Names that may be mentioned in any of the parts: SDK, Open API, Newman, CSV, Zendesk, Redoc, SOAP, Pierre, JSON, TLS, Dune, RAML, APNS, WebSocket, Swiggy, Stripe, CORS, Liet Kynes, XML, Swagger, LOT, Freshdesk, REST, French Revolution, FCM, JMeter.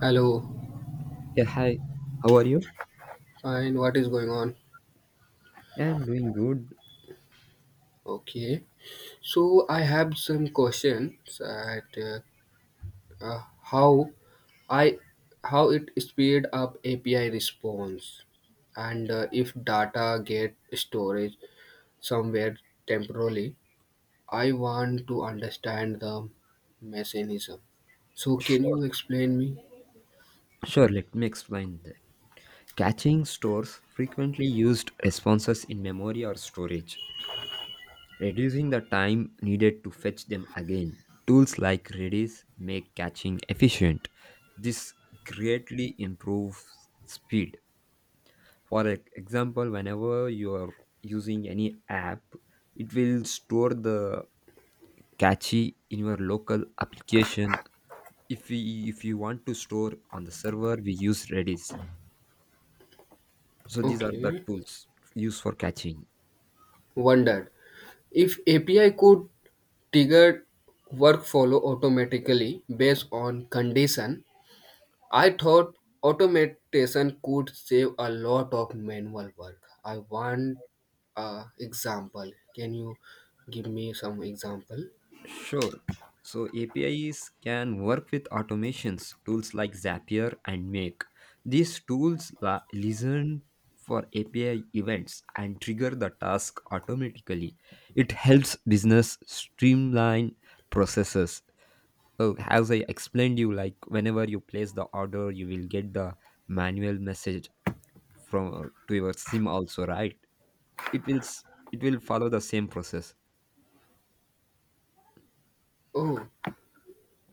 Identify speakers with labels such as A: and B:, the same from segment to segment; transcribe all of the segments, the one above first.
A: Hello,
B: Yeah, hi. How are you?
A: fine. What is going on?
B: Yeah, I'm doing good.
A: Okay. So I have some questions at uh, how I how it speed up API response and if data get storage somewhere temporarily. I want to understand the mechanism. So can you explain me?
B: Sure, let me explain that. Caching stores frequently used responses in memory or storage, reducing the time needed to fetch them again. Tools like Redis make caching efficient. This greatly improves speed. For example, whenever you are using any app, it will store the cache in your local application. If we if you want to store on the server, we use Redis. So these are the
A: Okay.
B: tools used for caching.
A: Wondered if API could trigger work follow automatically based on condition. I thought automation could save a lot of manual work. I want a example. Can you give me some example?
B: Sure, so APIs can work with automations tools like Zapier and Make. These tools listen for API events and trigger the task automatically. It helps business streamline processes. So as I explained you, like whenever you place the order, you will get the manual message from to your SIM also, right? it will s- it will follow the same process.
A: Oh,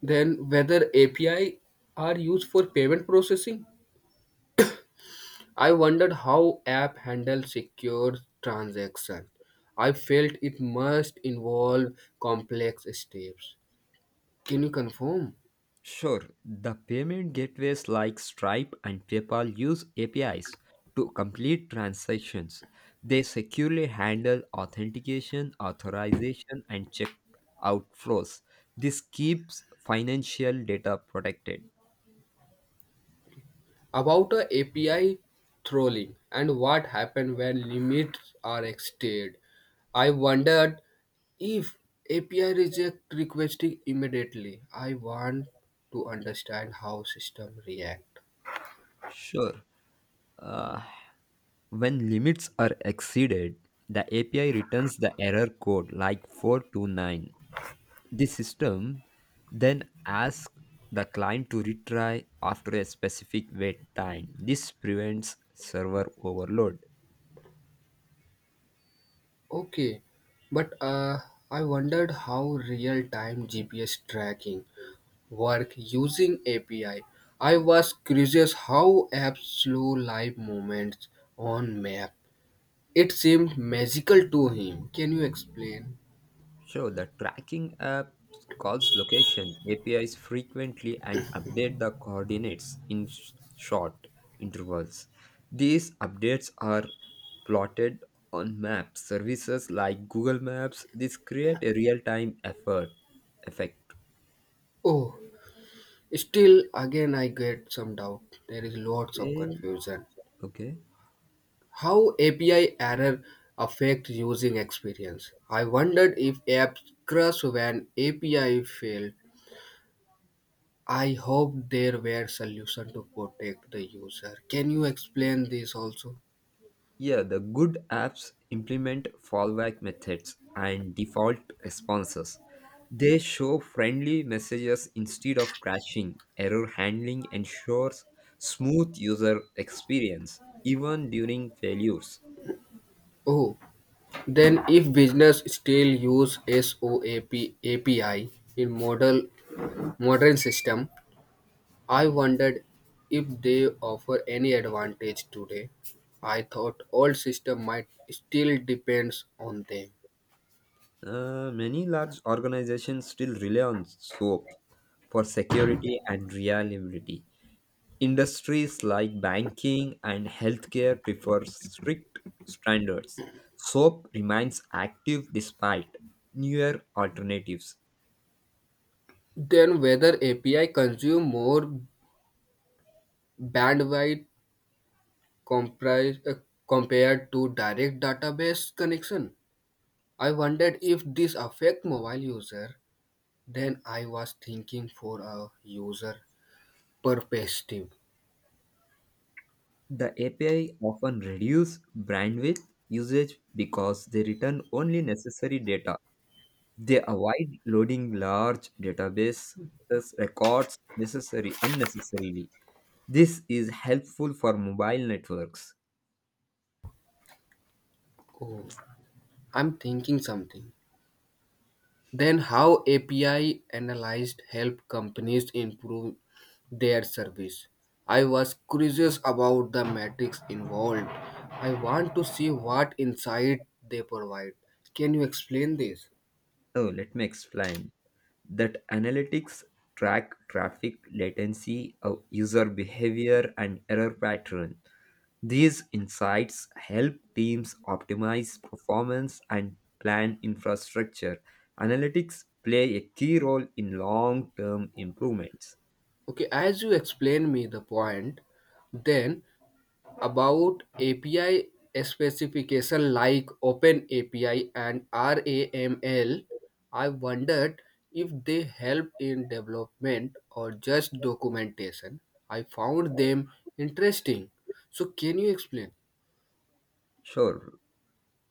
A: then whether API are used for payment processing? I wondered how app handle secure transaction. I felt it must involve complex steps. Can you confirm?
B: Sure, the payment gateways like Stripe and PayPal use APIs to complete transactions. They securely handle authentication, authorization, and check outflows this keeps financial data protected.
A: About a API trolling and what happens when limits are exceeded. I wondered if API reject requesting immediately. I want to understand how system react.
B: Sure, uh, when limits are exceeded, the API returns the error code like 429. This system then asks the client to retry after a specific wait time. This prevents server overload.
A: Okay, but I wondered how real time GPS tracking work using API. I was curious how apps slow live moments on map. It seemed magical to him. Can you explain?
B: So the tracking app calls location APIs frequently and update the coordinates in short intervals. These updates are plotted on maps. Services like Google Maps this create a real-time effort effect.
A: Oh, still again I get some doubt. There is lots of
B: Okay.
A: confusion.
B: Okay.
A: How API error affect using experience? I wondered if apps crash when API failed. I hope there were solution to protect the user. Can you explain this also?
B: Yeah, the good apps implement fallback methods and default responses. They show friendly messages instead of crashing. Error handling ensures smooth user experience, even during failures.
A: Oh, then if business still use SOAP API in model modern system, I wondered if they offer any advantage today. I thought all system might still depends on them.
B: Many large organizations still rely on SOAP for security and reliability. Industries like banking and healthcare prefer strict standards. SOAP remains active despite newer alternatives.
A: Then whether API consume more bandwidth comprise, uh, compared to direct database connection. I wondered if this affect mobile user. Then I was thinking for a user perspective.
B: The API often reduce bandwidth usage because they return only necessary data. They avoid loading large databases records necessary unnecessarily. This is helpful for mobile networks.
A: Oh, I'm thinking something. Then how API analyzed help companies improve their service. I was curious about the metrics involved. I want to see what insight they provide. Can you explain this?
B: Oh, let me explain that. Analytics track traffic latency, user behavior, and error pattern. These insights help teams optimize performance and plan infrastructure. Analytics play a key role in long term improvements.
A: Okay, as you explain me the point, then about API specification like Open API and RAML, I wondered if they help in development or just documentation. I found them interesting. So can you explain?
B: Sure,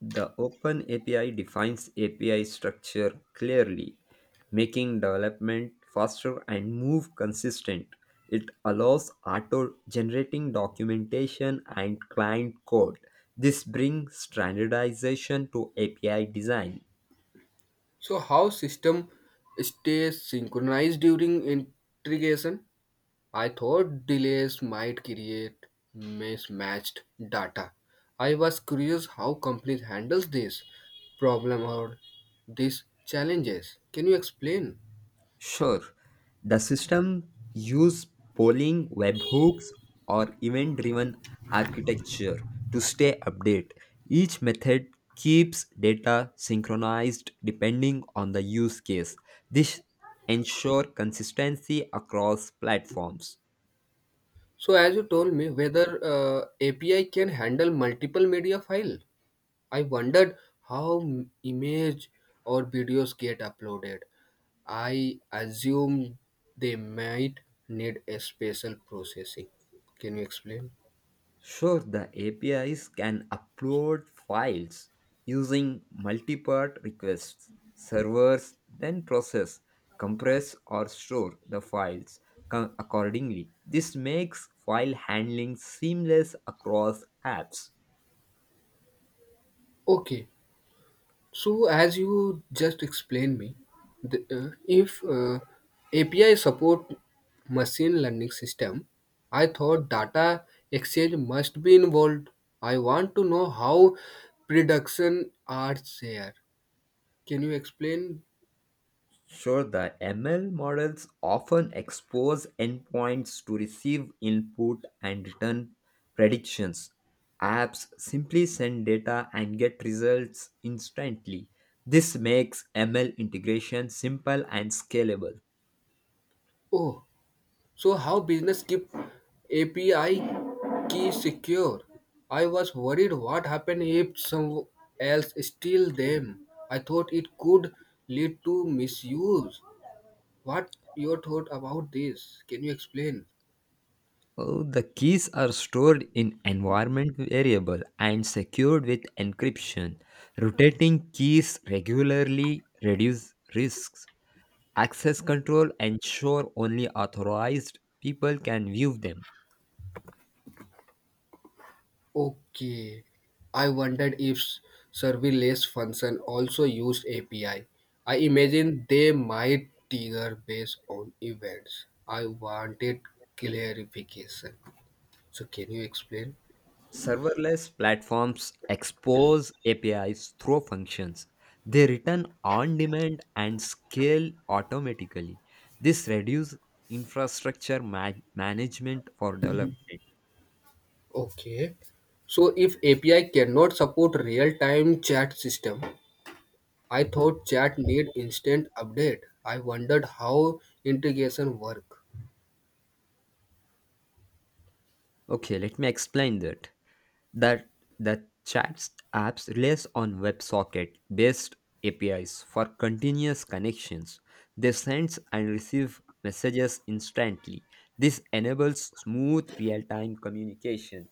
B: the Open API defines API structure clearly, making development faster and move consistent. It allows auto generating documentation and client code. This brings standardization to API design.
A: So how system stays synchronized during integration? I thought delays might create mismatched data. I was curious how companies handles this problem or these challenges. Can you explain?
B: Sure, the system use polling, webhooks, or event-driven architecture to stay update. Each method keeps data synchronized depending on the use case. This ensure consistency across platforms.
A: So as you told me whether API can handle multiple media file, I wondered how image or videos get uploaded. I assume they might need a special processing. Can you explain?
B: Sure, the APIs can upload files using multi-part requests. Servers then process, compress, or store the files accordingly. This makes file handling seamless across apps.
A: Okay, so, as you just explained me, the, if API support machine learning system, I thought data exchange must be involved. I want to know how production are there. Can you explain?
B: Sure, the ML models often expose endpoints to receive input and return predictions. Apps simply send data and get results instantly. This makes ML integration simple and scalable.
A: Oh, so how business keep API key secure? I was worried what happened if someone else steal them. I thought it could lead to misuse. What your thought about this? Can you explain?
B: Oh, the keys are stored in environment variable and secured with encryption. Rotating keys regularly reduce risks. Access control ensure only authorized people can view them.
A: Okay. I wondered if serverless function also used API. I imagine they might trigger based on events. I wanted clarification. So can you explain?
B: Serverless platforms expose APIs through functions. They return on demand and scale automatically. This reduces infrastructure management for development.
A: Okay. So if API cannot support real-time chat system, I thought chat need instant update. I wondered how integration work.
B: Okay, let me explain that. that. The chats apps relies on WebSocket based APIs for continuous connections. They send and receive messages instantly. This enables smooth real-time communication.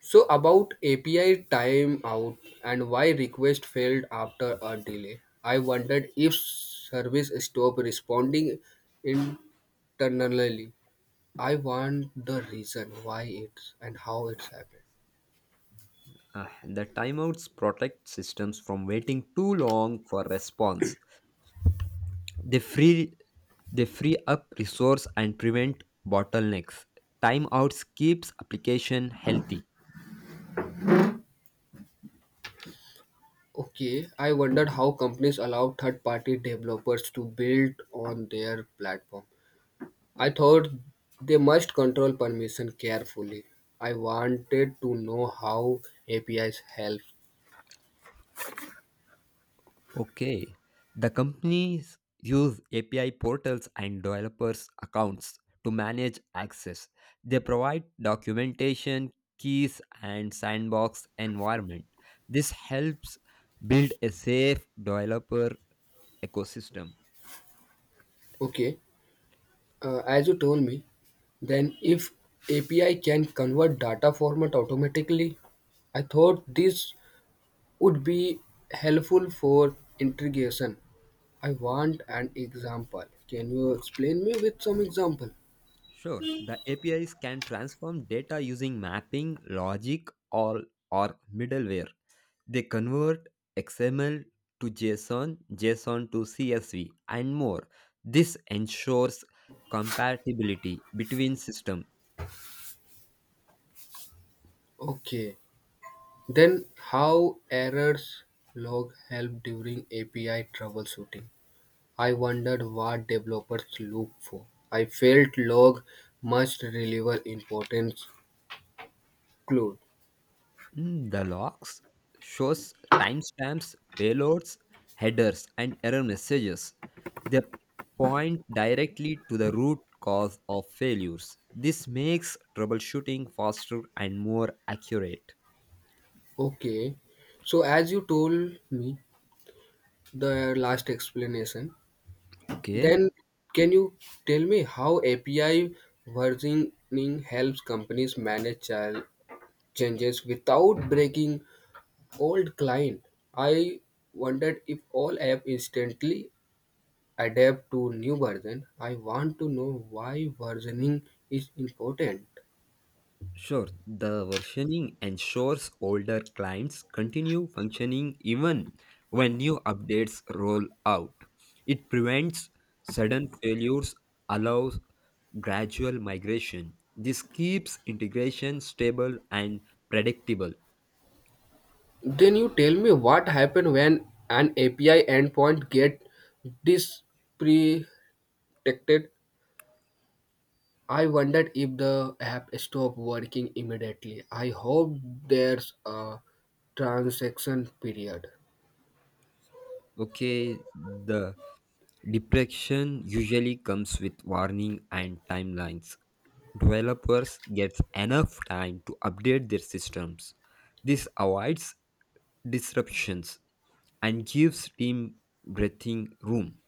A: So about API timeout and why request failed after a delay, I wondered if service stopped responding internally. I want the reason why it's and how it's happened.
B: The timeouts protect systems from waiting too long for response. They free they free up resource and prevent bottlenecks. Timeouts keeps application healthy.
A: Okay, I wondered how companies allow third-party developers to build on their platform. I thought they must control permission carefully. I wanted to know how APIs help.
B: Okay. The companies use API portals and developers' accounts to manage access. They provide documentation, keys, and sandbox environment. This helps build a safe developer ecosystem.
A: Okay, as you told me, then if API can convert data format automatically, I thought this would be helpful for integration. I want an example. Can you explain me with some example?
B: Sure. The APIs can transform data using mapping, logic, or middleware. They convert XML to JSON, JSON to CSV, and more. This ensures compatibility between systems.
A: Okay. Then how errors log help during API troubleshooting? I wondered what developers look for. I felt log must deliver important clues.
B: Mm, the logs shows timestamps, payloads, headers, and error messages. They point directly to the root cause of failures. This makes troubleshooting faster and more accurate.
A: Okay. So as you told me the last explanation,
B: Okay.
A: then can you tell me how API versioning helps companies manage changes without breaking old client? I wondered if all app instantly adapt to new version. I want to know why versioning is important.
B: Sure, the versioning ensures older clients continue functioning even when new updates roll out. It prevents sudden failures, allows gradual migration. This keeps integration stable and predictable.
A: Then you tell me what happened when an API endpoint get dis detected, I wondered if the app stopped working immediately. I hope there's a transaction period.
B: Okay, the depression usually comes with warning and timelines. Developers get enough time to update their systems. This avoids disruptions and gives team breathing room.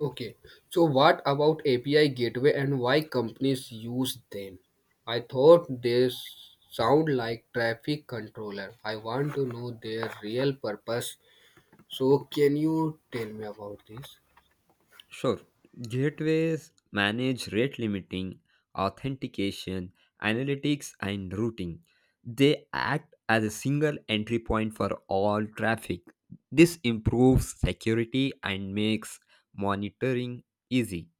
A: Okay, so what about API gateway and why companies use them? I thought they sound like traffic controller. I want to know their real purpose. So can you tell me about this?
B: Sure, gateways manage rate limiting, authentication, analytics, and routing. They act as a single entry point for all traffic. This improves security and makes monitoring easy.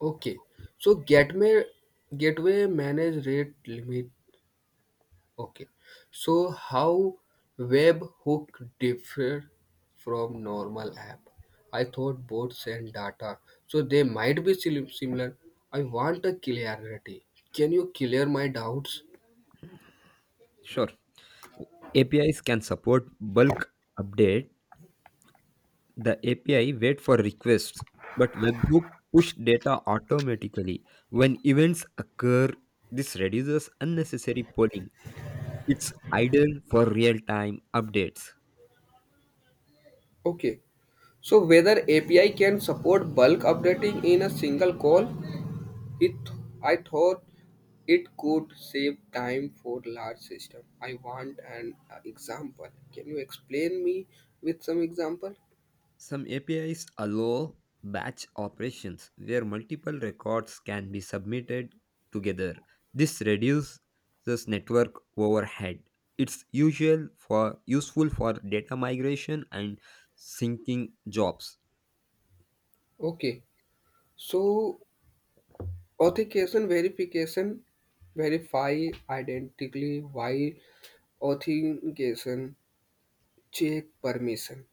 A: Okay, so gateway manage rate limit. Okay. So how webhook differ from normal app? I thought both send data, so they might be similar. I want a clarity. Can you clear my doubts?
B: Sure, APIs can support bulk updates. The API wait for requests, but webhook push data automatically. When events occur, this reduces unnecessary polling. It's ideal for real-time updates.
A: Okay. So whether API can support bulk updating in a single call? It I thought it could save time for large system. I want an example. Can you explain me with some example?
B: Some APIs allow batch operations where multiple records can be submitted together. This reduces network overhead. It's usual for useful for data migration and syncing jobs.
A: Okay. So authentication verification verify identically while authentication check permission.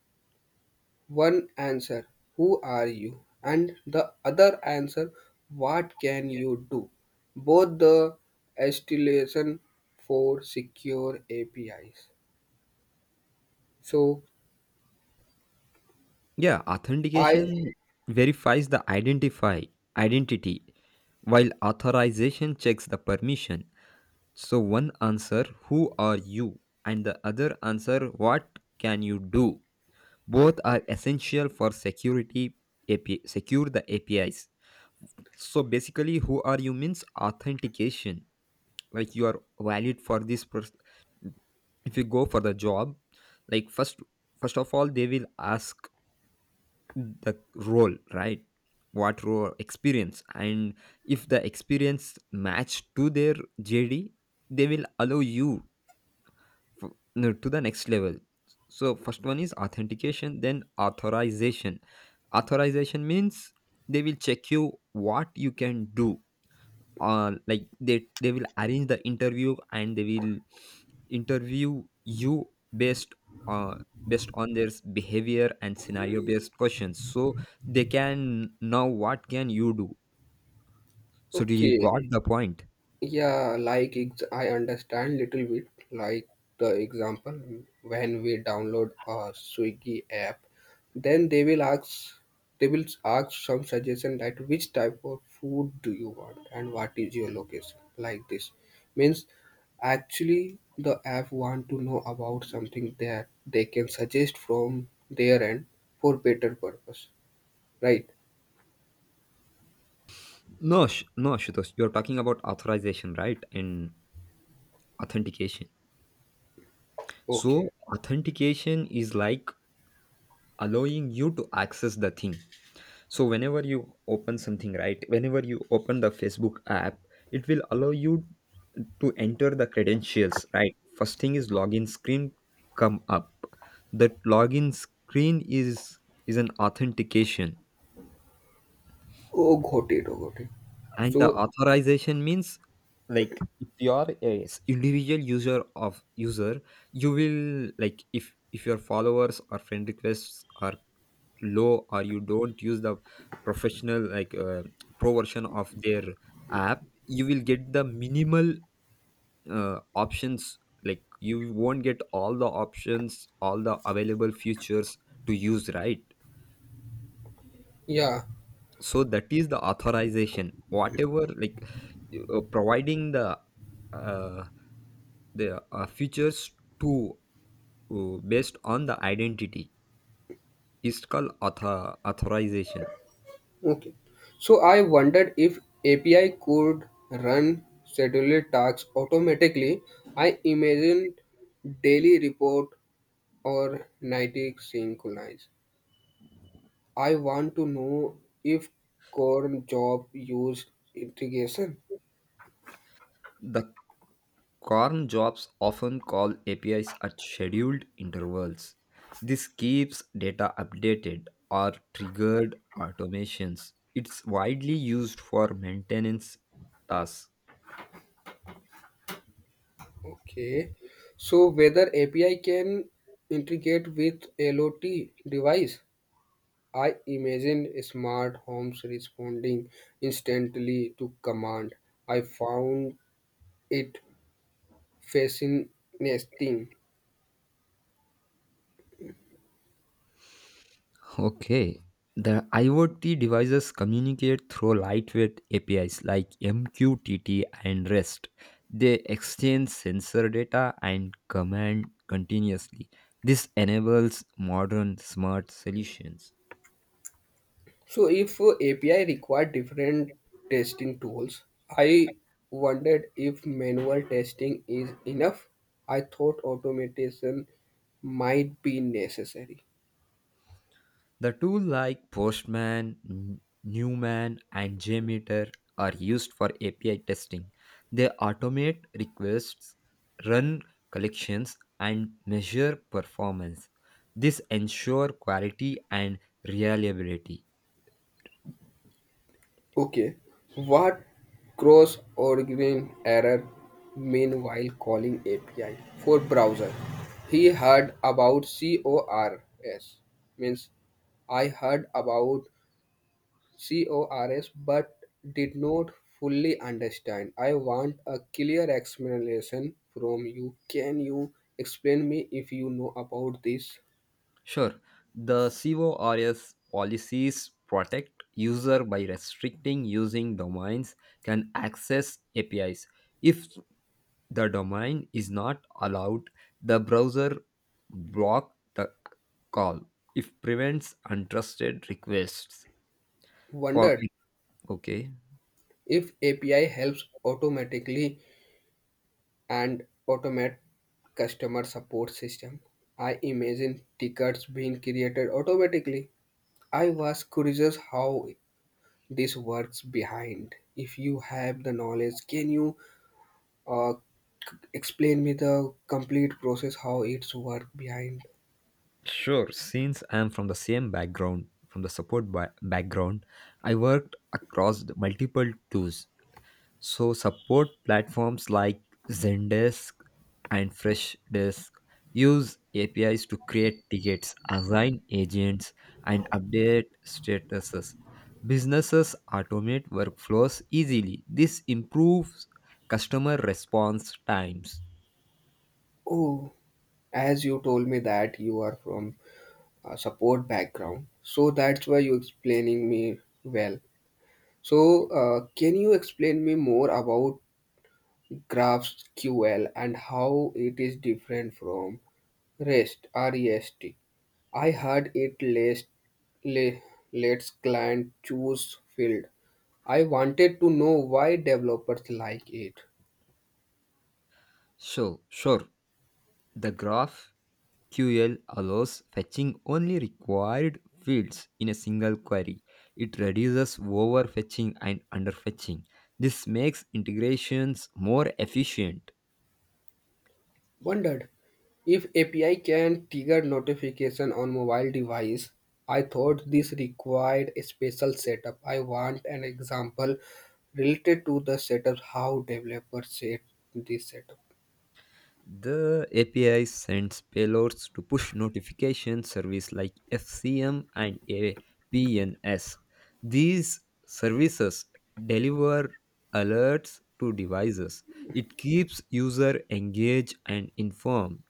A: One answer who are you and the other answer what can you do. Both the installation for secure APIs. So
B: Yeah,
A: I
B: authentication verifies the identify identity, while authorization checks the permission. So one answer who are you and the other answer what can you do. Both are essential for security API, secure the APIs. So basically who are you means authentication, like you are valid for this person. If you go for the job, like first of all they will ask the role, right? What role, experience, and if the experience match to their JD, they will allow you, f- no, to the next level. So first one is authentication, then authorization. Authorization means they will check you what you can do. Like they will arrange the interview and they will interview you based uh, based on their behavior and scenario based questions, so they can know what can you do. So do you
A: okay.
B: got the point?
A: Yeah, like I understand little bit. Like the example, when we download a Swiggy app, then they will ask some suggestion that which type of food do you want and what is your location. Like this means actually the app want to know about something that they can suggest from their end for better purpose, right?
B: No, Ashutosh, you're talking about authorization, right? And authentication.
A: Okay.
B: So authentication is like allowing you to access the thing. So whenever you open something, right, whenever you open the Facebook app, it will allow you to enter the credentials, right? First thing is login screen come up. The login screen is an authentication.
A: Oh, got it. Oh, got it.
B: And the
A: So
B: authorization means, like if you are a individual user, you will, like, if your followers or friend requests are low, or you don't use the professional, like pro version of their app, you will get the minimal options, like you won't get all the options, all the available features to use, right?
A: yeah.
B: So that is the authorization, whatever, like providing the uh, features to, based on the identity, is called authorization.
A: Okay. So I wondered if API could run scheduled tasks automatically. I imagined daily report or nightly synchronize. I want to know if core job use integration.
B: The Corn jobs often call APIs at scheduled intervals. This keeps data updated or triggered automations. It's widely used for maintenance tasks.
A: Okay. So whether API can integrate with LOT device. I imagine smart homes responding instantly to command. I found it fascinating.
B: Okay. The IoT devices communicate through lightweight APIs like MQTT and REST. They exchange sensor data and command continuously. This enables modern smart solutions.
A: So, if API require different testing tools, I wondered if manual testing is enough. I thought automation might be necessary.
B: The tools like Postman, Newman, and JMeter are used for API testing. They automate requests, run collections, and measure performance. This ensure quality and reliability.
A: Okay, what cross origin error mean while calling API for browser? He heard about CORS means I heard about CORS but did not fully understand. I want a clear explanation from you. Can you explain me if you know about this?
B: Sure, the CORS policies protect user by restricting using domains can access APIs. If the domain is not allowed, the browser block the call, if prevents untrusted requests. For
A: Wondered
B: okay,
A: if API helps automatically and automate customer support system. I imagine tickets being created automatically. I was curious how this works behind. If you have the knowledge, can you uh, explain me the complete process, how it's work behind.
B: sure. Since I am from the same background, from the support background, I worked across the multiple tools. So support platforms like Zendesk and Freshdesk use APIs to create tickets, assign agents, and update statuses. Businesses automate workflows easily. This improves customer response times.
A: Oh, as you told me that you are from a support background, so that's why you explaining me well. So, can you explain me more about GraphQL and how it is different from REST? I heard it le- lets client choose field. I wanted to know why developers like it.
B: So, sure, the graph GraphQL allows fetching only required fields in a single query. It reduces overfetching and underfetching. This makes integrations more efficient.
A: Wondered if API can trigger notification on mobile device. I thought this required a special setup. I want an example related to the setup, how developers set this setup.
B: The API sends payloads to push notification service like FCM and APNS. These services deliver alerts to devices. It keeps user engaged and informed.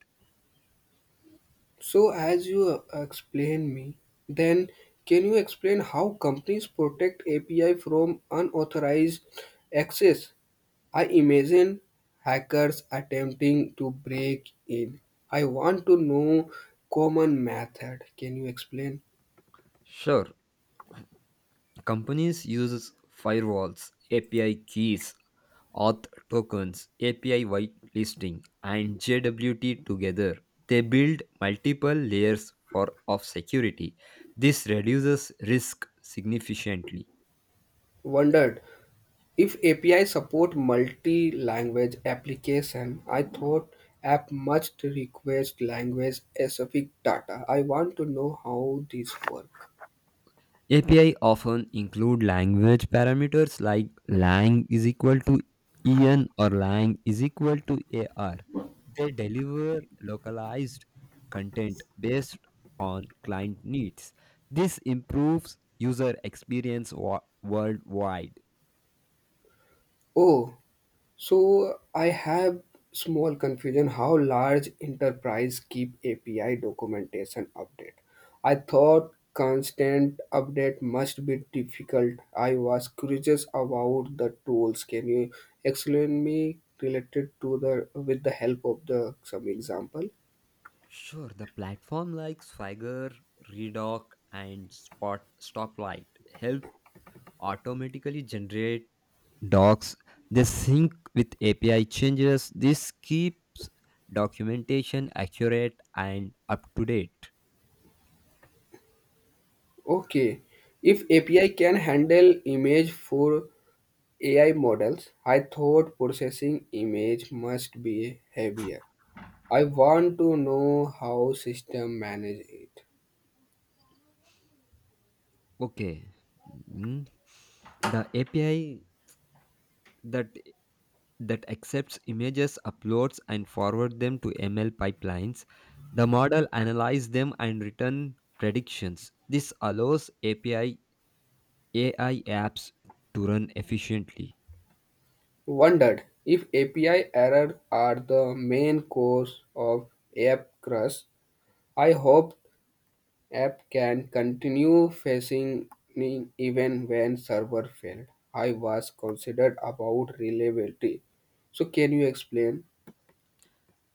A: So as you explain me, then can you explain how companies protect API from unauthorized access? I imagine hackers attempting to break in. I want to know common method. Can you explain?
B: Sure, companies use firewalls, API keys, auth tokens, API whitelisting, and JWT together. They build multiple layers for of security. This reduces risk significantly.
A: Wondered if API support multi-language application. I thought app must request language specific data. I want to know how this work.
B: API often include language parameters like lang is equal to en or lang is equal to ar. They deliver localized content based on client needs. This improves user experience worldwide.
A: Oh, so I have small confusion how large enterprise keep API documentation update. I thought constant update must be difficult. I was curious about the tools. Can you explain me related to the with the help of the some example?
B: Sure, the platform like Swagger, Redoc, and Spot Stoplight help automatically generate docs. They sync with API changes. This keeps documentation accurate and up to date.
A: Okay. If API can handle image for AI models, I thought processing image must be heavier. I want to know how system manage it.
B: Okay. Mm, the api that that accepts images uploads and forward them to ML pipelines. The model analyze them and return predictions. This allows api AI apps to run efficiently.
A: Wondered if API error are the main cause of app crash. I hope app can continue facing me even when server failed. I was considered about reliability. So can you explain?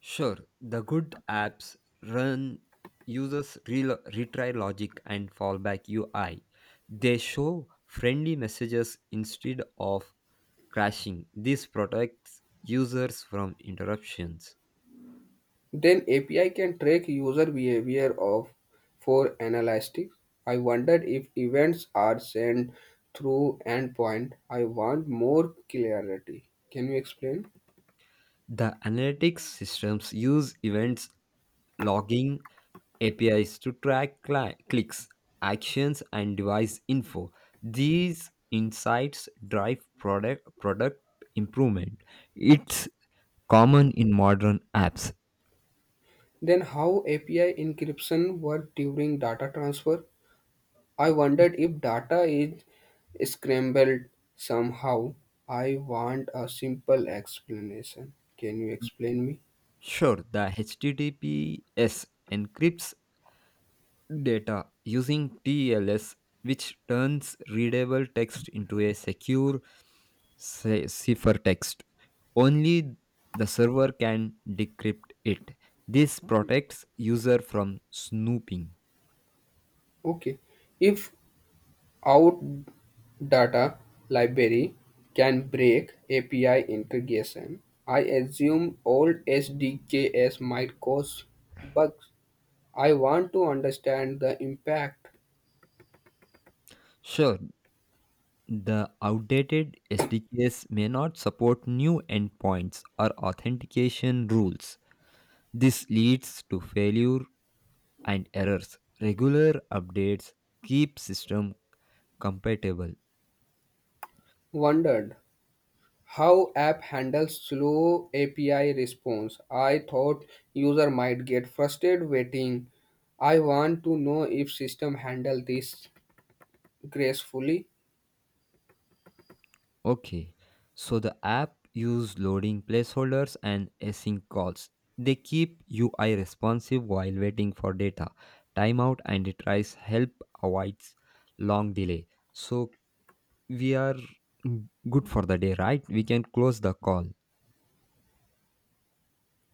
B: Sure, the good apps run users retry logic and fallback UI. They show friendly messages instead of crashing. This protects users from interruptions.
A: Then API can track user behavior of for analytics. I wondered if events are sent through endpoint. I want more clarity. Can you explain?
B: The analytics systems use events logging APIs to track clicks, actions, and device info. These insights drive product improvement. It's common in modern apps.
A: Then how API encryption work during data transfer? I wondered if data is scrambled somehow. I want a simple explanation. Can you explain me?
B: Sure, the HTTPS encrypts data using TLS, which turns readable text into a secure cipher text. Only the server can decrypt it. This protects user from snooping.
A: Okay. If Out data library can break API integration. I assume old SDKs might cause bugs. I want to understand the impact.
B: Sure, the outdated SDKs may not support new endpoints or authentication rules. This leads to failure and errors. Regular updates keep system compatible.
A: Wondered how app handles slow API response. I thought user might get frustrated waiting. I want to know if system handle this gracefully.
B: Okay. So the app use loading placeholders and async calls. They keep UI responsive while waiting for data. Timeout and it tries help avoids long delay. So we are, mm, good for the day, right? We can close the call.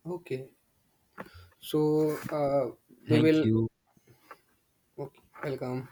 A: Okay, so we
B: Thank
A: will.
B: you.
A: Okay, welcome.